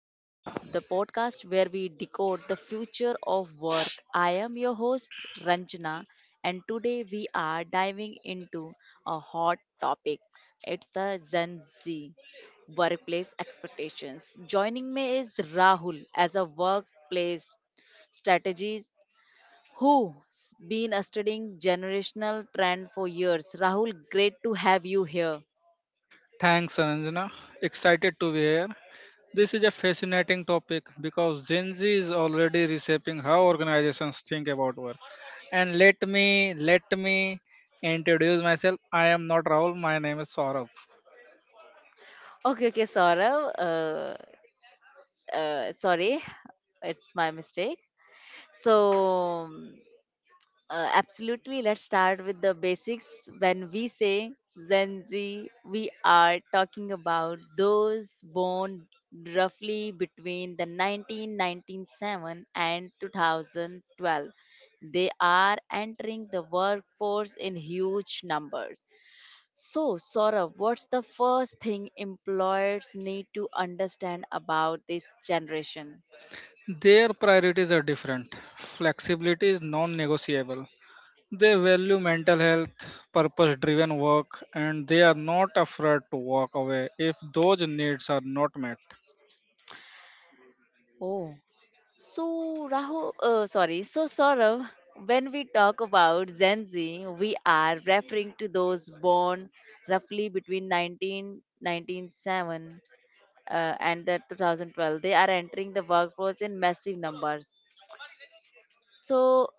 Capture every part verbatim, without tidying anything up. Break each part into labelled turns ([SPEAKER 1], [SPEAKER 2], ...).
[SPEAKER 1] the, pro- the podcast where we decode the future of work. I am your host, Ranjana, and today we are diving into a hot topic. It's a Gen Z workplace expectations. Joining me is Rahul as a workplace strategist who's been studying generational trend for years. Rahul, great to have you here.
[SPEAKER 2] Thanks, Anjana. Excited to be here. This is a fascinating topic because Gen Z is already reshaping how organizations think about work. And let me let me introduce myself. I am not Rahul. My name is Saurabh.
[SPEAKER 1] Okay, okay, Saurav. Uh, uh, sorry, it's my mistake. So, um, uh, absolutely, let's start with the basics. When we say Gen Z, we are talking about those born roughly between the nineteen ninety-seven and twenty twelve. They are entering the workforce in huge numbers. So, Saurav, what's the first thing employers need to understand about this generation?
[SPEAKER 2] Their priorities are different. Flexibility is non-negotiable. They value mental health, purpose-driven work, and they are not afraid to walk away if those needs are not met.
[SPEAKER 1] Oh, so, Rahul, uh, sorry. So, Saurav, when we talk about Gen Z, we are referring to those born roughly between nineteen ninety-seven uh, and the two thousand twelve. They are entering the workforce in massive numbers. So,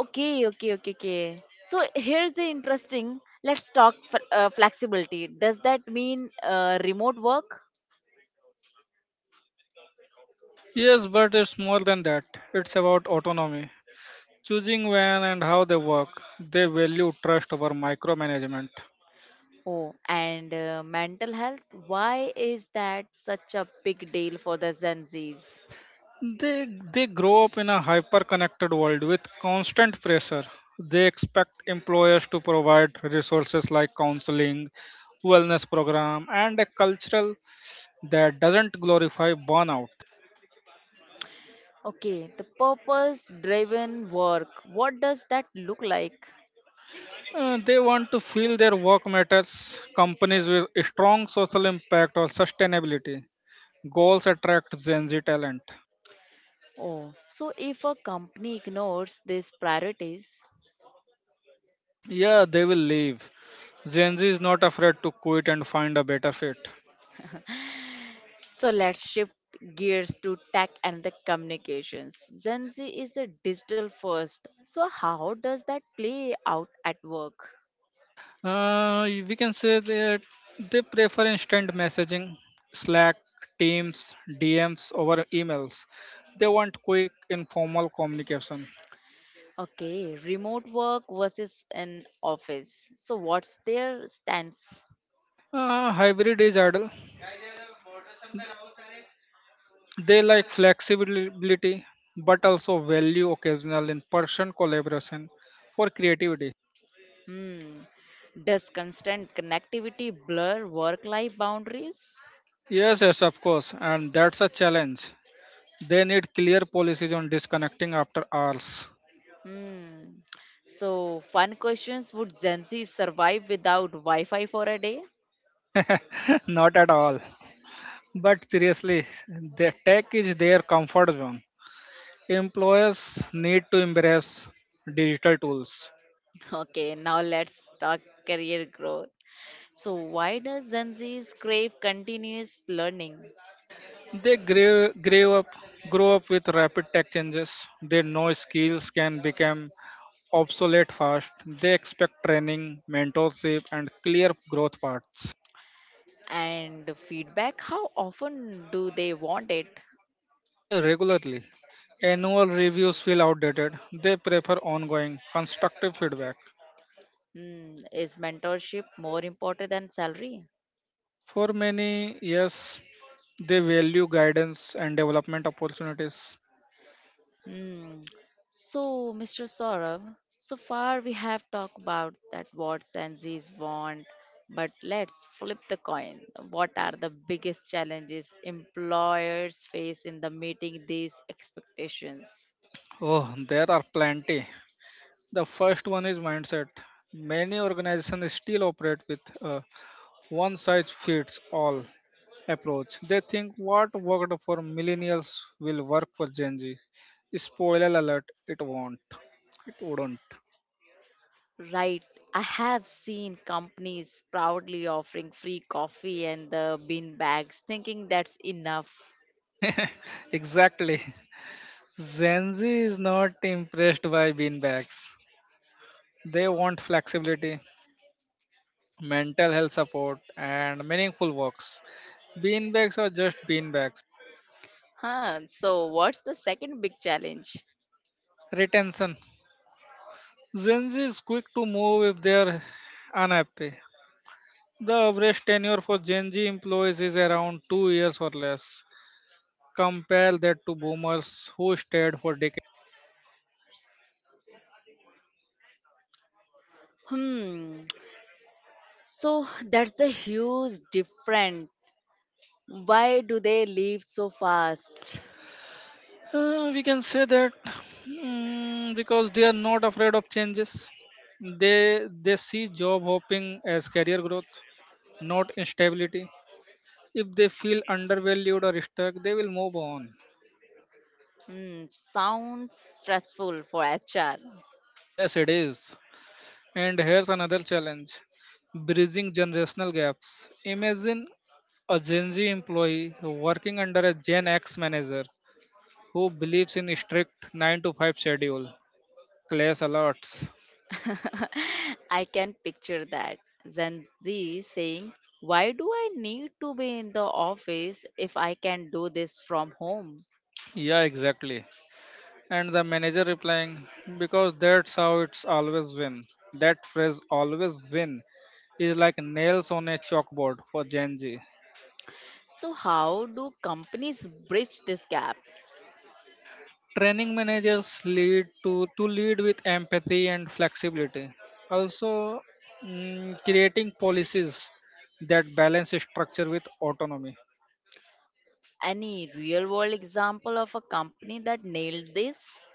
[SPEAKER 1] okay, okay, okay, okay. So here's the interesting. Let's talk f- uh, flexibility. Does that mean uh, remote work?
[SPEAKER 2] Yes, but it's more than that. It's about autonomy. Choosing when and how they work. They value trust over micromanagement.
[SPEAKER 1] Oh, and uh, mental health. Why is that such a big deal for the Gen Zs?
[SPEAKER 2] They they grow up in a hyper-connected world with constant pressure. They expect employers to provide resources like counseling, wellness program, and a cultural that doesn't glorify burnout.
[SPEAKER 1] Okay, the purpose-driven work. What does that look like?
[SPEAKER 2] Uh, they want to feel their work matters. Companies with a strong social impact or sustainability goals attract Gen Z talent.
[SPEAKER 1] Oh, so if a company ignores these priorities,
[SPEAKER 2] Yeah, they will leave. Gen Z is not afraid to quit and find a better fit.
[SPEAKER 1] so let's shift gears to tech and the communications. Gen Z is a digital first. So how does that play out at work?
[SPEAKER 2] Uh, we can say that they prefer instant messaging, Slack, Teams, D Ms over emails. They want quick, informal communication.
[SPEAKER 1] Okay, remote work versus an office. So what's their stance?
[SPEAKER 2] Uh, hybrid is ideal. They like flexibility but also value occasional in person collaboration for creativity.
[SPEAKER 1] Hmm. Does constant connectivity blur work-life boundaries?
[SPEAKER 2] Yes, yes, of course, and that's a challenge. They need clear policies on disconnecting after hours.
[SPEAKER 1] Hmm. So fun questions. Would Gen Z survive without Wi-Fi for a day?
[SPEAKER 2] Not at all. But seriously, the tech is their comfort zone. Employers need to embrace digital tools.
[SPEAKER 1] Okay, now let's talk career growth. So, why does Gen Z's crave continuous learning
[SPEAKER 2] They grow, grow up grow up with rapid tech changes. They know skills can become obsolete fast. They expect training, mentorship, and clear growth paths
[SPEAKER 1] and feedback? How often do they want it?
[SPEAKER 2] uh, regularly. Annual reviews feel outdated. They prefer ongoing constructive feedback.
[SPEAKER 1] Hmm, is mentorship more important than salary?
[SPEAKER 2] For many, yes, they value guidance and development opportunities.
[SPEAKER 1] Hmm. So, Mister Saurav, so far we have talked about that what Gen Z's want, but let's flip the coin. What are the biggest challenges employers face in the meeting these expectations?
[SPEAKER 2] Oh, there are plenty. The first one is mindset. Many organizations still operate with a one size fits all approach. They think what worked for millennials will work for Gen Z. Spoiler alert, it won't. It wouldn't.
[SPEAKER 1] Right. I have seen companies proudly offering free coffee and the bean bags, thinking that's enough.
[SPEAKER 2] Exactly. Gen Z is not impressed by beanbags. They want flexibility, mental health support, and meaningful works. Beanbags are just beanbags.
[SPEAKER 1] Huh. So, what's the second big challenge?
[SPEAKER 2] Retention. Gen Z is quick to move if they are unhappy. The average tenure for Gen Z employees is around two years or less. Compare that to boomers who stayed for decades.
[SPEAKER 1] Hmm. So, that's a huge difference. Why do they leave so fast?
[SPEAKER 2] Uh, we can say that mm, because they are not afraid of changes. They they see job hopping as career growth, not instability. If they feel undervalued or stuck, they will move on.
[SPEAKER 1] Hmm. Sounds stressful for H R.
[SPEAKER 2] Yes, it is. And here's another challenge bridging generational gaps. Imagine a Gen Z employee working under a Gen X manager who believes in a strict nine to five schedule, class alerts.
[SPEAKER 1] I can picture that. Gen Z saying, why do I need to be in the office if I can do this from home?
[SPEAKER 2] Yeah, exactly. And the manager replying, because that's how it's always been. That phrase always win is like nails on a chalkboard for Gen Z.
[SPEAKER 1] So, how do companies bridge this gap?
[SPEAKER 2] Training managers lead to, to lead with empathy and flexibility. Also, mm, creating policies that balance structure with autonomy.
[SPEAKER 1] Any real world example of a company that nailed this?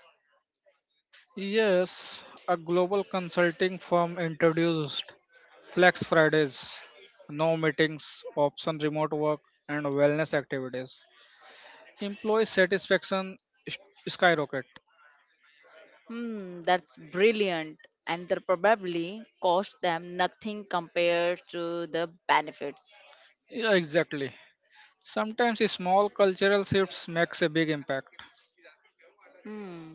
[SPEAKER 2] Yes, a global consulting firm introduced Flex Fridays, no meetings, option remote work, and wellness activities. Employee satisfaction s- skyrocket.
[SPEAKER 1] Hmm, that's brilliant. And that probably cost them nothing compared to the benefits.
[SPEAKER 2] Yeah, exactly. Sometimes small cultural shifts makes a big impact.
[SPEAKER 1] Hmm.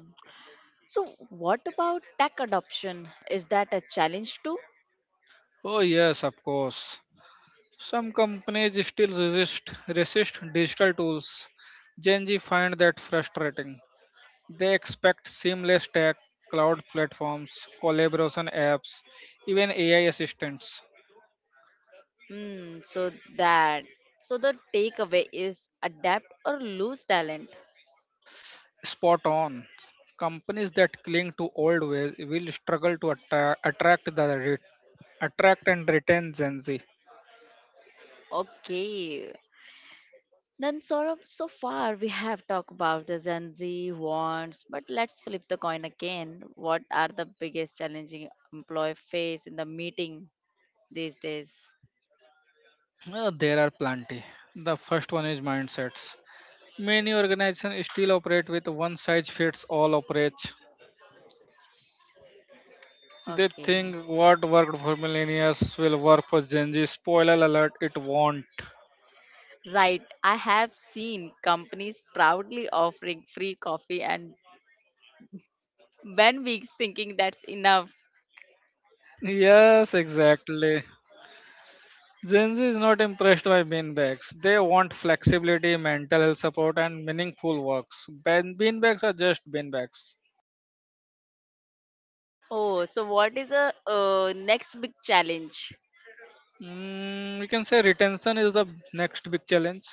[SPEAKER 1] So, what about tech adoption? Is that a challenge too?
[SPEAKER 2] Oh yes, of course. Some companies still resist resist digital tools. Gen Z find that frustrating. They expect seamless tech, cloud platforms, collaboration apps, even A I assistants.
[SPEAKER 1] Mm, so that so the takeaway is adapt or lose talent.
[SPEAKER 2] Spot on. Companies that cling to old ways will struggle to attra- attract the re- attract and retain Gen Z.
[SPEAKER 1] Okay. Then Saurabh, so far we have talked about the Gen Z wants, but let's flip the coin again. What are the biggest challenging employee face in the meeting these days?
[SPEAKER 2] Uh, there are plenty. The first one is mindsets. Many organizations still operate with one size fits all approach. They
[SPEAKER 1] Okay.
[SPEAKER 2] think what worked for millennials will work for Gen Z. Spoiler alert, it won't.
[SPEAKER 1] Right. I have seen companies proudly offering free coffee and Ben weeks thinking that's enough.
[SPEAKER 2] Yes, exactly. Gen Z is not impressed by beanbags. They want flexibility, mental health support, and meaningful works. Ben- Beanbags are just beanbags.
[SPEAKER 1] Oh, so what is the uh, next big challenge?
[SPEAKER 2] Mm, we can say retention is the next big challenge.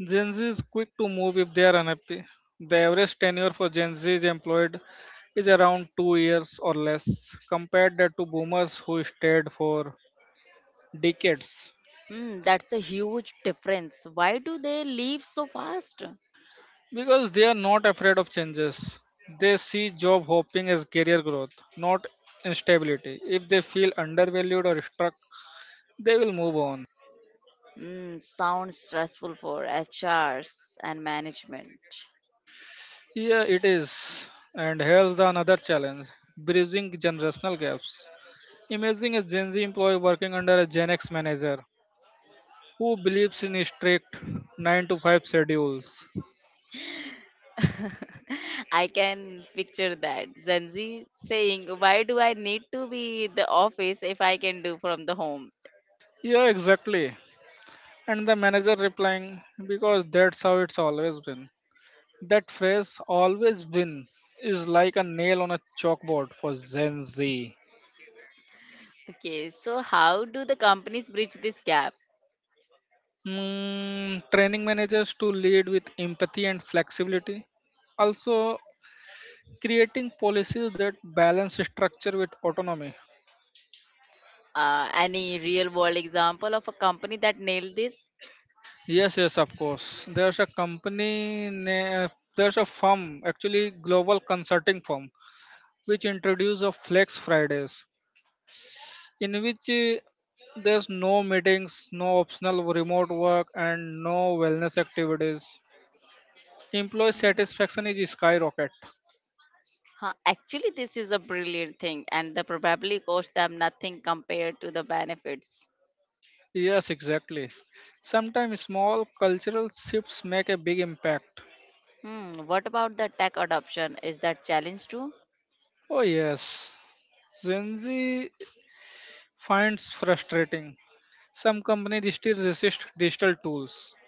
[SPEAKER 2] Gen Z is quick to move if they are unhappy. The average tenure for Gen Z is employed is around two years or less, compared that to boomers who stayed for decades
[SPEAKER 1] Hmm, that's a huge difference. Why do they leave so fast?
[SPEAKER 2] because they are not afraid of changes. They see job hopping as career growth, not instability. If they feel undervalued or stuck, they will move on.
[SPEAKER 1] Mm, sounds stressful for H Rs and management.
[SPEAKER 2] Here it is. And here's the another challenge bridging generational gaps. Imagine a Gen Z employee working under a Gen X manager who believes in strict nine to five schedules.
[SPEAKER 1] I can picture that. Zenzi saying, why do I need to be in the office if I can do from the home?
[SPEAKER 2] Yeah, exactly. And the manager replying, because that's how it's always been. That phrase always win is like a nail on a chalkboard for Gen Z.
[SPEAKER 1] Okay, so how do the companies bridge this gap?
[SPEAKER 2] Mm, training managers to lead with empathy and flexibility. Also, creating policies that balance structure with autonomy.
[SPEAKER 1] Uh, any real world example of a company that nailed this?
[SPEAKER 2] Yes, yes, of course. There's a company, na- there's a firm, actually global consulting firm, which introduced a Flex Fridays, in which uh, there's no meetings, no optional remote work, and no wellness activities. Employee satisfaction is skyrocket.
[SPEAKER 1] Huh, actually, this is a brilliant thing, and the probably cost them nothing compared to the benefits.
[SPEAKER 2] Yes, exactly. Sometimes small cultural shifts make a big impact.
[SPEAKER 1] Hmm, what about the tech adoption? Is that challenge too?
[SPEAKER 2] Oh, yes. Gen Z finds frustrating. Some companies still resist digital tools.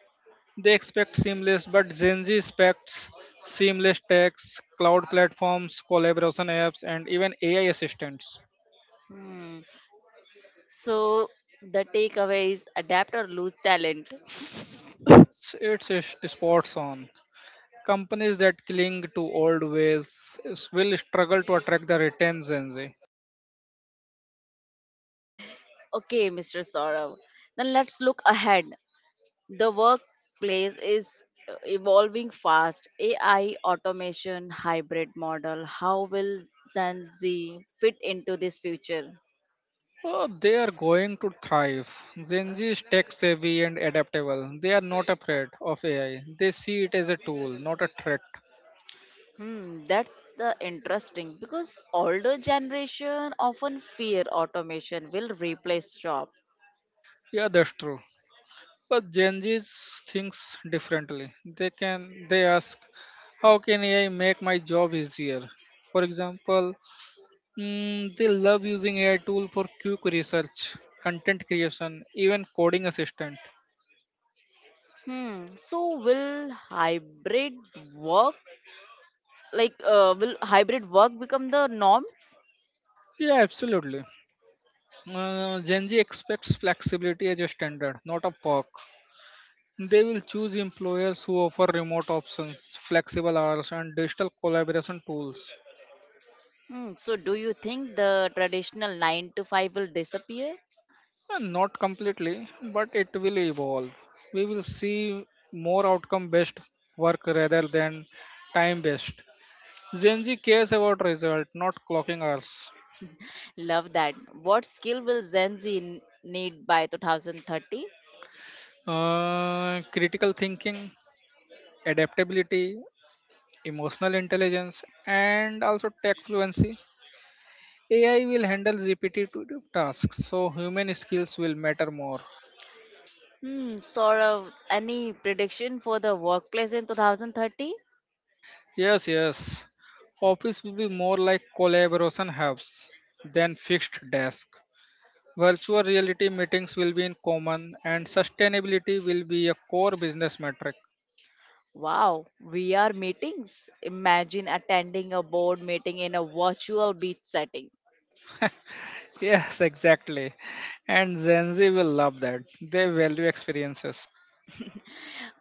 [SPEAKER 2] They expect seamless, but Gen Z expects seamless text, cloud platforms, collaboration apps, and even A I assistants.
[SPEAKER 1] Hmm. So the takeaway is adapt or lose talent.
[SPEAKER 2] It's it's is- sports on. Companies that cling to old ways is- will struggle to attract the retained Gen Z.
[SPEAKER 1] Okay, Mister Saurav. Then let's look ahead. The workplace is uh, evolving fast. A I, automation, hybrid model. How will Gen Z fit into this future?
[SPEAKER 2] Oh, they are going to thrive. Gen Z is tech savvy and adaptable. They are not afraid of A I. They see it as a tool, not a threat.
[SPEAKER 1] Hmm, that's the interesting because older generation often fear automation will replace job.
[SPEAKER 2] Yeah, that's true. But Gen Z thinks differently. They can they ask, how can A I make my job easier? For example, Mm, they love using A I tool for quick research, content creation, even coding assistant.
[SPEAKER 1] Hmm. So will hybrid work like uh, will hybrid work become the norms?
[SPEAKER 2] Yeah, absolutely. Uh, Gen Z expects flexibility as a standard, not a perk. They will choose employers who offer remote options, flexible hours, and digital collaboration tools.
[SPEAKER 1] Hmm. So do you think the traditional nine to five will disappear?
[SPEAKER 2] Uh, Not completely, but it will evolve. We will see more outcome based work rather than time based. Gen Z cares about result, not clocking hours.
[SPEAKER 1] Love that. What skill will Gen Z n- need by two thousand thirty?
[SPEAKER 2] Uh, critical thinking, adaptability, emotional intelligence, and also tech fluency. A I will handle repetitive tasks, so human skills will matter more.
[SPEAKER 1] Hmm. Sort of any prediction for the workplace in two thousand thirty?
[SPEAKER 2] Yes, yes. Office will be more like collaboration hubs than fixed desk. Virtual reality meetings will be in common, and sustainability will be a core business metric.
[SPEAKER 1] Wow, V R meetings. Imagine attending a board meeting in a virtual beach setting.
[SPEAKER 2] Yes, exactly. And Gen Z will love that. They value experiences.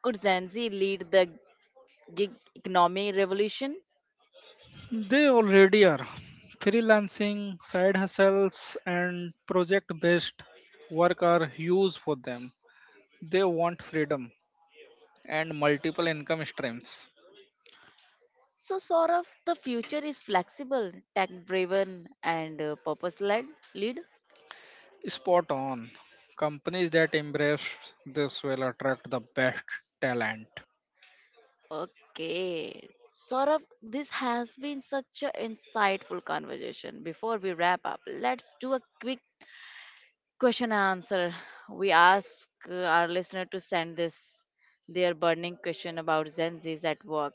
[SPEAKER 1] Could Gen Z lead the gig economy revolution?
[SPEAKER 2] They already are. Freelancing, side hustles, and project based work are huge for them. They want freedom and multiple income streams.
[SPEAKER 1] So, Saurav, the future is flexible, tech driven, and purpose led. Lead.
[SPEAKER 2] Spot on. Companies that embrace this will attract the best talent.
[SPEAKER 1] Okay. Saurav, this has been such an insightful conversation. Before we wrap up, let's do a quick question and answer. We ask uh, our listener to send us their burning question about Gen Z's at work.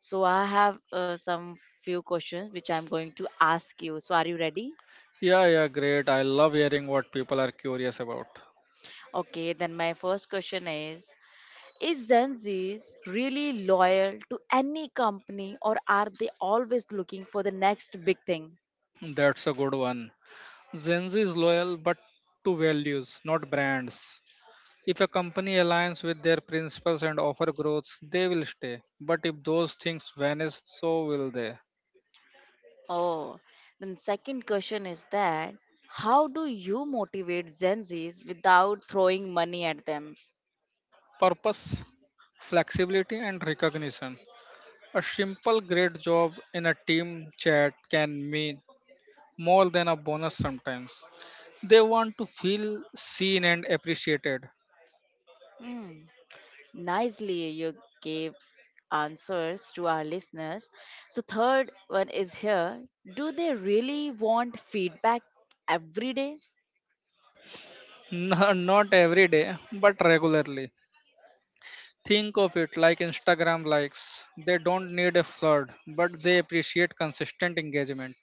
[SPEAKER 1] So I have uh, some few questions which I'm going to ask you. So are you ready?
[SPEAKER 2] Yeah, yeah, great. I love hearing what people are curious about.
[SPEAKER 1] Okay, then my first question is Is Gen Zs really loyal to any company, or are they always looking for the next big thing?
[SPEAKER 2] That's a good one. Gen Z is loyal but to values, not brands. If a company aligns with their principles and offer growth, they will stay. But if those things vanish, so will they.
[SPEAKER 1] Oh, then second question is that, how do you motivate Gen Zs without throwing money at them?
[SPEAKER 2] Purpose, flexibility, and recognition. A simple great job in a team chat can mean more than a bonus sometimes. They want to feel seen and appreciated.
[SPEAKER 1] Hmm, nicely, you gave answers to our listeners. So, third one is here, do they really want feedback every day?
[SPEAKER 2] No- Not every day, but regularly. Think of it like Instagram likes. They don't need a flood, but they appreciate consistent engagement.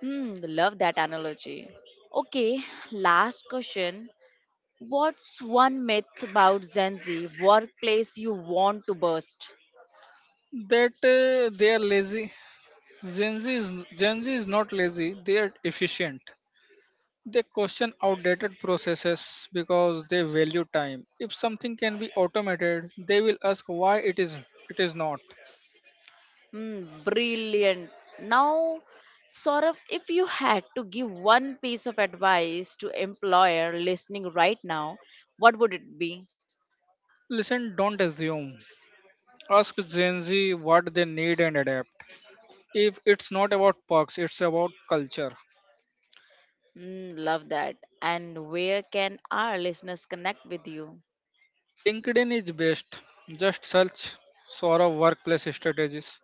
[SPEAKER 1] Hmm, love that analogy. Okay, last question. What's one myth about Gen Z workplace you want to burst?
[SPEAKER 2] That uh, they are lazy. Gen Z, is, Gen Z is not lazy, they are efficient. They question outdated processes because they value time. If something can be automated, they will ask why it is it is not.
[SPEAKER 1] Hmm, brilliant. Now, Saurav, if you had to give one piece of advice to employer listening right now, what would it be?
[SPEAKER 2] Listen, don't assume. Ask Gen Z what they need and adapt. If it's not about perks, it's about culture.
[SPEAKER 1] Hmm, love that. And where can our listeners connect with you?
[SPEAKER 2] LinkedIn is best. Just search Sora workplace strategies.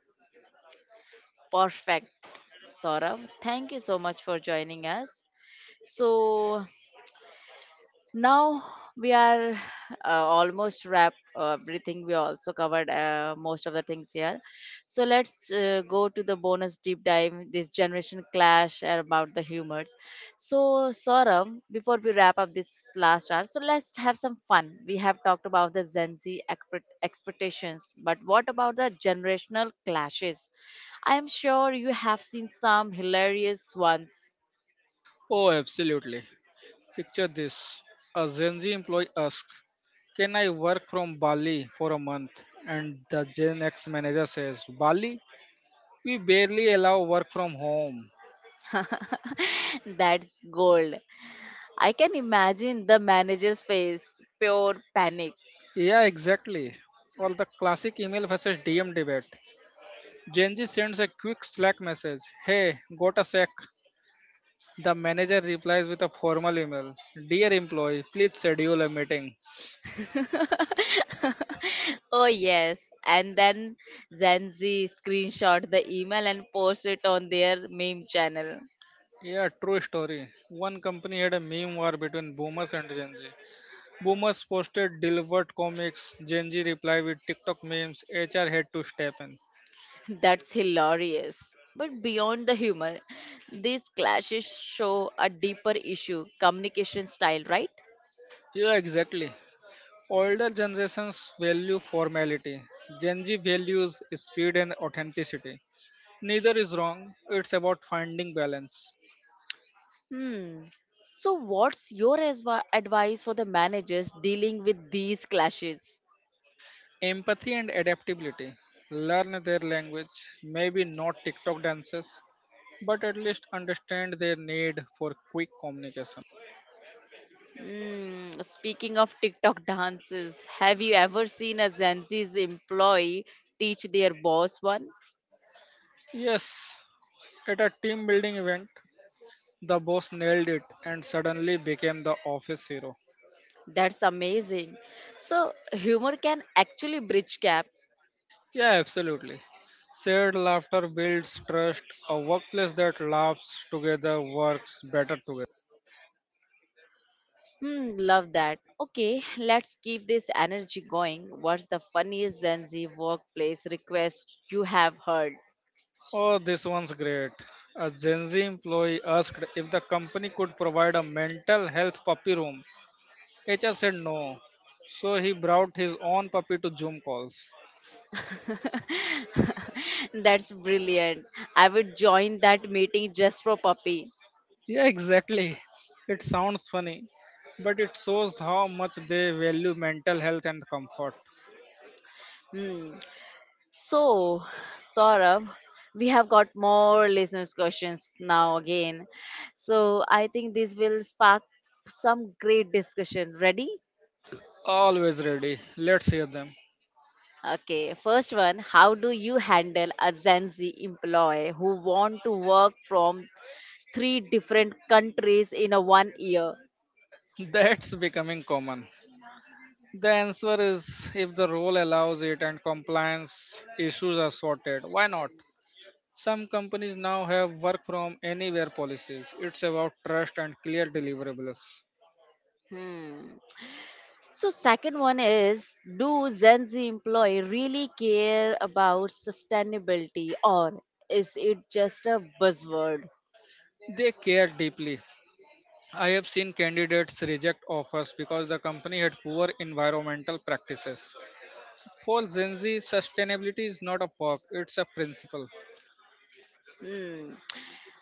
[SPEAKER 1] Perfect. Saurav, thank you so much for joining us. So, now we are uh, almost wrap uh, everything, we also covered uh, most of the things here, so let's uh, go to the bonus deep dive, this generation clash and about the humors. So, Saurabh, before we wrap up this last hour, so let's have some fun. We have talked about the Gen Z expect- expectations, but what about the generational clashes? I am sure you have seen some hilarious ones.
[SPEAKER 2] Oh, absolutely. Picture this, a Gen Z employee asks, can I work from Bali for a month? And the Gen X manager says, Bali? We barely allow work from home.
[SPEAKER 1] That's gold. I can imagine the manager's face, pure panic.
[SPEAKER 2] Yeah, exactly. Or the classic email versus D M debate. Gen Z sends a quick Slack message, hey, got a sec. The manager replies with a formal email, dear employee, please schedule a meeting.
[SPEAKER 1] Oh, yes. And then Zanzi screenshot the email and post it on their meme channel.
[SPEAKER 2] Yeah, true story. One company had a meme war between boomers and Gen Z. Boomers posted delivered comics, Gen Z reply with TikTok memes, H R had to step in.
[SPEAKER 1] That's hilarious. But beyond the humor, these clashes show a deeper issue, communication style, right?
[SPEAKER 2] Yeah, exactly. Older generations value formality. Gen Z values speed and authenticity. Neither is wrong, it's about finding balance.
[SPEAKER 1] Hmm. So, what's your asva- advice for the managers dealing with these clashes?
[SPEAKER 2] Empathy and adaptability. Learn their language, maybe not TikTok dances, but at least understand their need for quick communication.
[SPEAKER 1] Mm, speaking of TikTok dances, have you ever seen a Gen Z's employee teach their boss one?
[SPEAKER 2] Yes, at a team building event, the boss nailed it and suddenly became the office hero.
[SPEAKER 1] That's amazing. So, humor can actually bridge gaps.
[SPEAKER 2] Yeah, absolutely. Shared laughter builds trust. A workplace that laughs together works better together.
[SPEAKER 1] Hmm, love that. Okay, let's keep this energy going. What's the funniest Gen Z workplace request you have heard?
[SPEAKER 2] Oh, this one's great. A Gen Z employee asked if the company could provide a mental health puppy room. H R said no. So he brought his own puppy to Zoom calls.
[SPEAKER 1] That's brilliant. I would join that meeting just for puppy.
[SPEAKER 2] Yeah, exactly. It sounds funny, but it shows how much they value mental health and comfort.
[SPEAKER 1] Hmm. So, Saurabh, we have got more listeners' questions now again. So, I think this will spark some great discussion. Ready?
[SPEAKER 2] Always ready. Let's hear them.
[SPEAKER 1] Okay, first one, how do you handle a Gen Z employee who want to work from three different countries in a one year?
[SPEAKER 2] That's becoming common. The answer is if the role allows it and compliance issues are sorted, why not? Some companies now have work from anywhere policies. It's about trust and clear deliverables.
[SPEAKER 1] Hmm. So second one is, do Gen Z employee really care about sustainability, or is it just a buzzword?
[SPEAKER 2] They care deeply. I have seen candidates reject offers because the company had poor environmental practices. For Gen Z, sustainability is not a perk, it's a principle.
[SPEAKER 1] Hmm.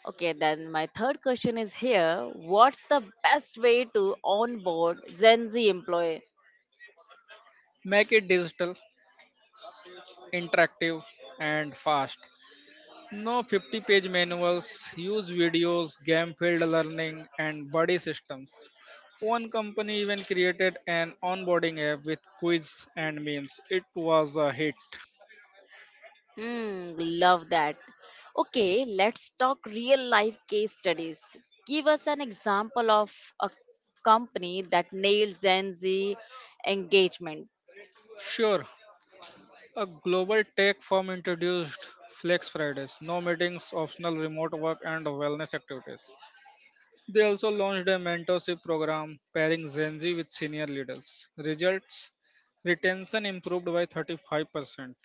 [SPEAKER 1] Okay, then my third question is here. What's the best way to onboard Gen Z employee?
[SPEAKER 2] Make it digital, interactive, and fast. No fifty page manuals, use videos, game field learning, and buddy systems. One company even created an onboarding app with quiz and memes. It was a hit.
[SPEAKER 1] Hmm, love that. Okay, let's talk real life case studies. Give us an example of a company that nailed Gen Z engagement.
[SPEAKER 2] Sure, a global tech firm introduced Flex Fridays, no meetings, optional remote work, and wellness activities. They also launched a mentorship program pairing Gen Z with senior leaders. Results retention improved by thirty-five percent.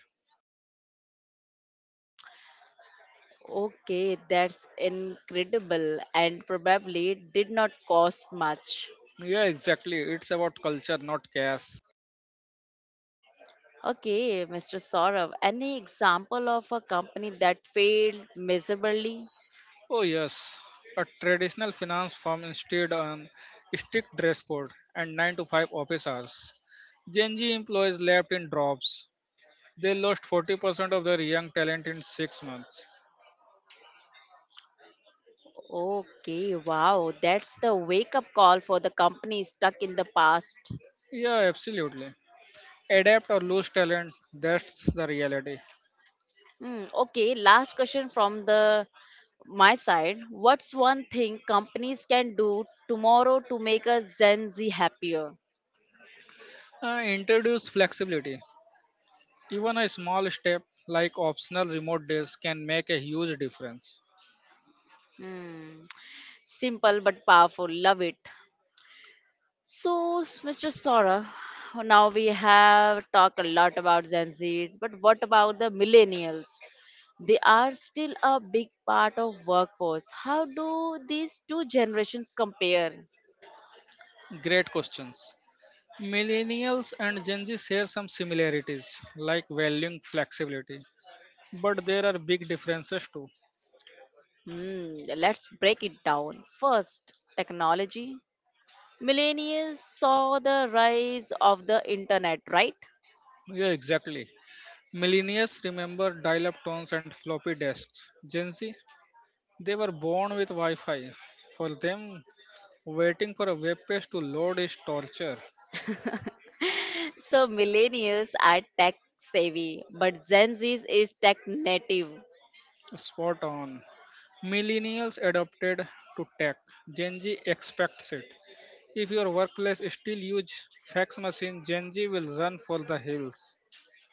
[SPEAKER 1] Okay, that's incredible and probably did not cost much.
[SPEAKER 2] Yeah, exactly. It's about culture, not cash.
[SPEAKER 1] Okay, Mister Saurav, any example of a company that failed miserably?
[SPEAKER 2] Oh, yes. A traditional finance firm instead on strict dress code and nine to five office hours. Gen Z employees left in drops. They lost forty percent of their young talent in six months.
[SPEAKER 1] Okay, wow, that's the wake up call for the company stuck in the past.
[SPEAKER 2] Yeah, absolutely. Adapt or lose talent, that's the reality.
[SPEAKER 1] Hmm, okay, last question from the my side. What's one thing companies can do tomorrow to make a Gen Z happier?
[SPEAKER 2] Uh, introduce flexibility. Even a small step like optional remote days can make a huge difference.
[SPEAKER 1] Hmm, simple but powerful. Love it. So, s- Mister Saurabh, now we have talked a lot about Gen Zs, but what about the millennials? They are still a big part of workforce. How do these two generations compare?
[SPEAKER 2] Great questions. Millennials and Gen Z share some similarities, like valuing flexibility, but there are big differences too.
[SPEAKER 1] Hmm, let's break it down. First, technology. Millennials saw the rise of the internet, right?
[SPEAKER 2] Yeah, exactly. Millennials remember dial up tones and floppy disks. Gen Z, they were born with Wi Fi. For them, waiting for a web page to load is torture.
[SPEAKER 1] So millennials are tech savvy, but Gen Z is tech native.
[SPEAKER 2] Spot on. Millennials adopted to tech. Gen Z expects it. If your workplace still use fax machine, Gen Z will run for the hills.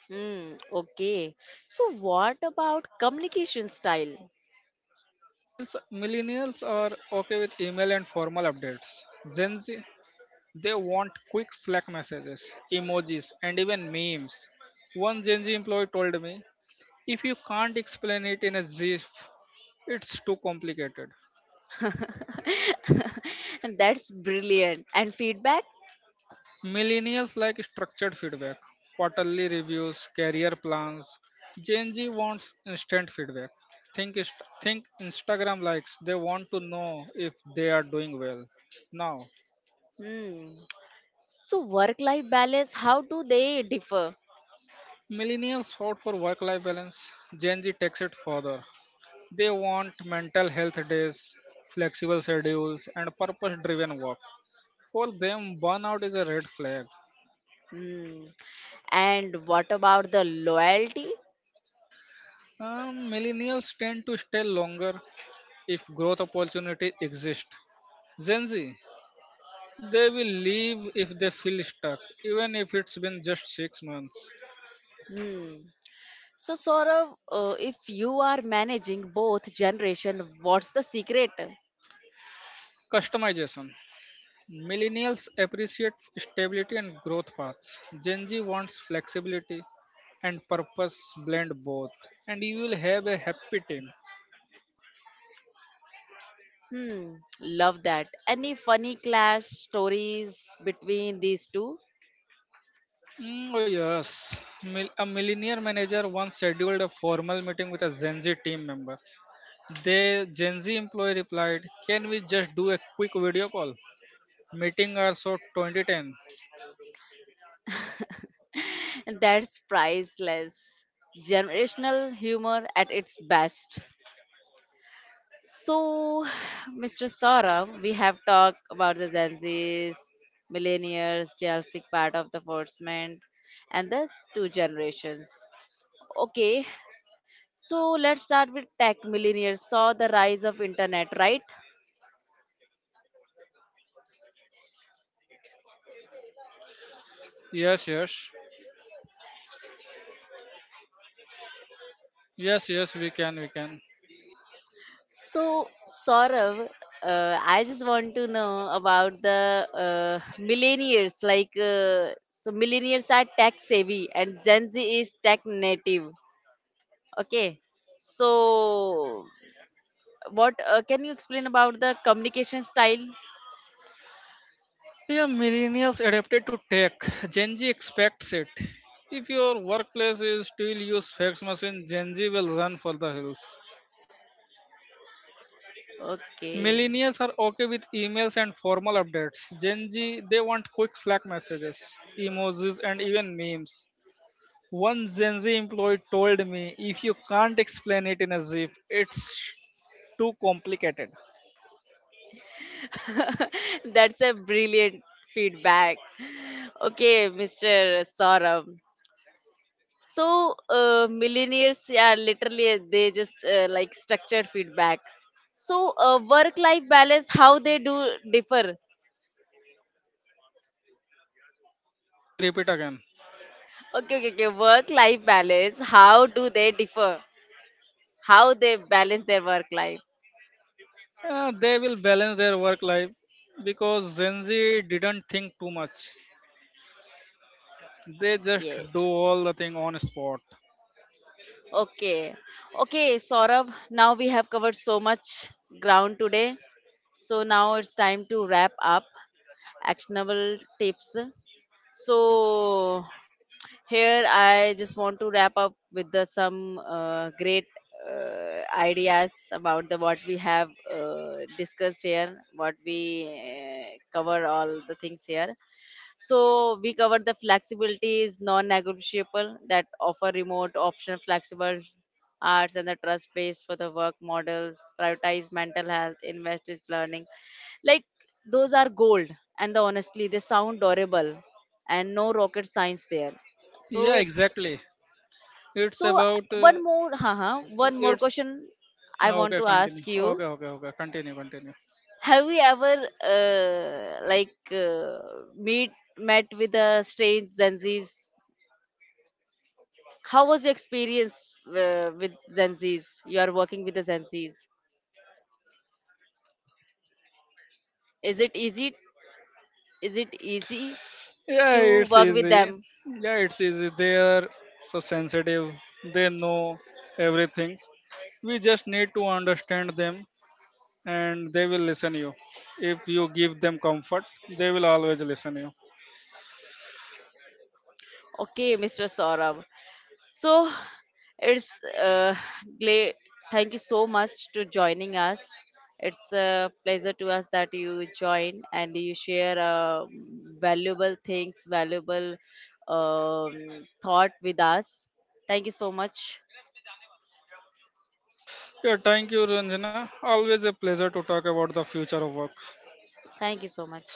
[SPEAKER 1] Hmm, okay. So what about communication style?
[SPEAKER 2] Millennials, millennials are okay with email and formal updates. Gen Z, they want quick Slack messages, emojis, and even memes. One Gen Z employee told me, if you can't explain it in a GIF, it's too complicated.
[SPEAKER 1] That's brilliant. And feedback?
[SPEAKER 2] Millennials like structured feedback, quarterly reviews, career plans. Gen Z wants instant feedback. Think, inst- think Instagram likes. They want to know if they are doing well. Now,
[SPEAKER 1] Hmm. So, work life balance, how do they differ?
[SPEAKER 2] millennials fought for work life balance. Gen Z takes it further. They want mental health days, flexible schedules, and purpose driven work. For them, burnout is a red flag.
[SPEAKER 1] Hmm. And what about the loyalty?
[SPEAKER 2] Um, millennials tend to stay longer if growth opportunities exist. Gen Z, they will leave if they feel stuck, even if it's been just six months.
[SPEAKER 1] Hmm. So, Saurav, uh, if you are managing both generation, what's the secret?
[SPEAKER 2] Customization. Millennials appreciate stability and growth paths. Gen Z wants flexibility and purpose blend both. And you will have a happy team.
[SPEAKER 1] Hmm, love that. Any funny clash stories between these two?
[SPEAKER 2] Mm, oh, yes. Mil- a millionaire manager once scheduled a formal meeting with a Gen Z team member. The Gen Z employee replied, "Can we just do a quick video call? Meeting hours so twenty ten."
[SPEAKER 1] That's priceless. Generational humor at its best. So, Mister Saurav, we have talked about the Gen Zs, millennials, Chelsea part of the enforcement, and the two generations. Okay, so let's start with tech millennials. Saw the rise of internet, right?
[SPEAKER 2] Yes, yes. Yes, yes, we can, we can.
[SPEAKER 1] So, Saurav, uh, I just want to know about the uh, millennials. Like, uh, so millennials are tech savvy, and Gen Z is tech native. Okay, so what uh, can you explain about the communication style?
[SPEAKER 2] Yeah, millennials adapted to tech. Gen Z expects it. If your workplace is still use fax machine, Gen Z will run for the hills.
[SPEAKER 1] Okay.
[SPEAKER 2] Millennials are okay with emails and formal updates. Gen Z, they want quick Slack messages, emojis, and even memes. One Gen Z employee told me, if you can't explain it in a zip, it's too complicated.
[SPEAKER 1] That's a brilliant feedback. Okay, Mister Saurabh. So, uh, millionaires, yeah, literally, they just uh, like structured feedback. So, uh, work life balance, how they do differ?
[SPEAKER 2] Can you repeat again?
[SPEAKER 1] Okay, okay, okay. Work life balance, how do they differ? How they balance their work life?
[SPEAKER 2] Uh, they will balance their work life because Gen Z didn't think too much. They just
[SPEAKER 1] Yes.
[SPEAKER 2] do all the thing on spot.
[SPEAKER 1] Okay. Okay, Saurabh, now we have covered so much ground today. So now it's time to wrap up actionable tips. So here I just want to wrap up with the, some uh, great uh, ideas about the what we have uh, discussed here, what we uh, cover all the things here. So we covered the flexibility is non-negotiable, that offer remote, optional, flexible arts and the trust based for the work models, prioritize mental health, invest in learning. Like those are gold, and the, honestly they sound durable and no rocket science there.
[SPEAKER 2] Yeah,
[SPEAKER 1] So
[SPEAKER 2] exactly. It's
[SPEAKER 1] so
[SPEAKER 2] about uh,
[SPEAKER 1] one more haha, one more
[SPEAKER 2] it's
[SPEAKER 1] question I want
[SPEAKER 2] okay.
[SPEAKER 1] to
[SPEAKER 2] Continue.
[SPEAKER 1] ask you.
[SPEAKER 2] Okay, okay, okay. Continue, continue.
[SPEAKER 1] Have we ever uh, like uh, meet met with a strange Gen Zs? How was your experience uh, with Zenzis? You are working with the Zenzis. Is it easy? Is it easy
[SPEAKER 2] Yeah,
[SPEAKER 1] to
[SPEAKER 2] it's
[SPEAKER 1] work with
[SPEAKER 2] easy.
[SPEAKER 1] them?
[SPEAKER 2] Yeah, it's easy. They are so sensitive. They know everything. We just need to understand them, and they will listen you. If you give them comfort, they will always listen you.
[SPEAKER 1] Okay, Mister Saurabh. So it's uh, gla- thank you so much to joining us. It's a pleasure to us that you join and you share uh, valuable things, valuable um, thought with us. Thank you so much.
[SPEAKER 2] Yeah, thank you, Ranjana. Always a pleasure to talk about the future of work.
[SPEAKER 1] Thank you so much.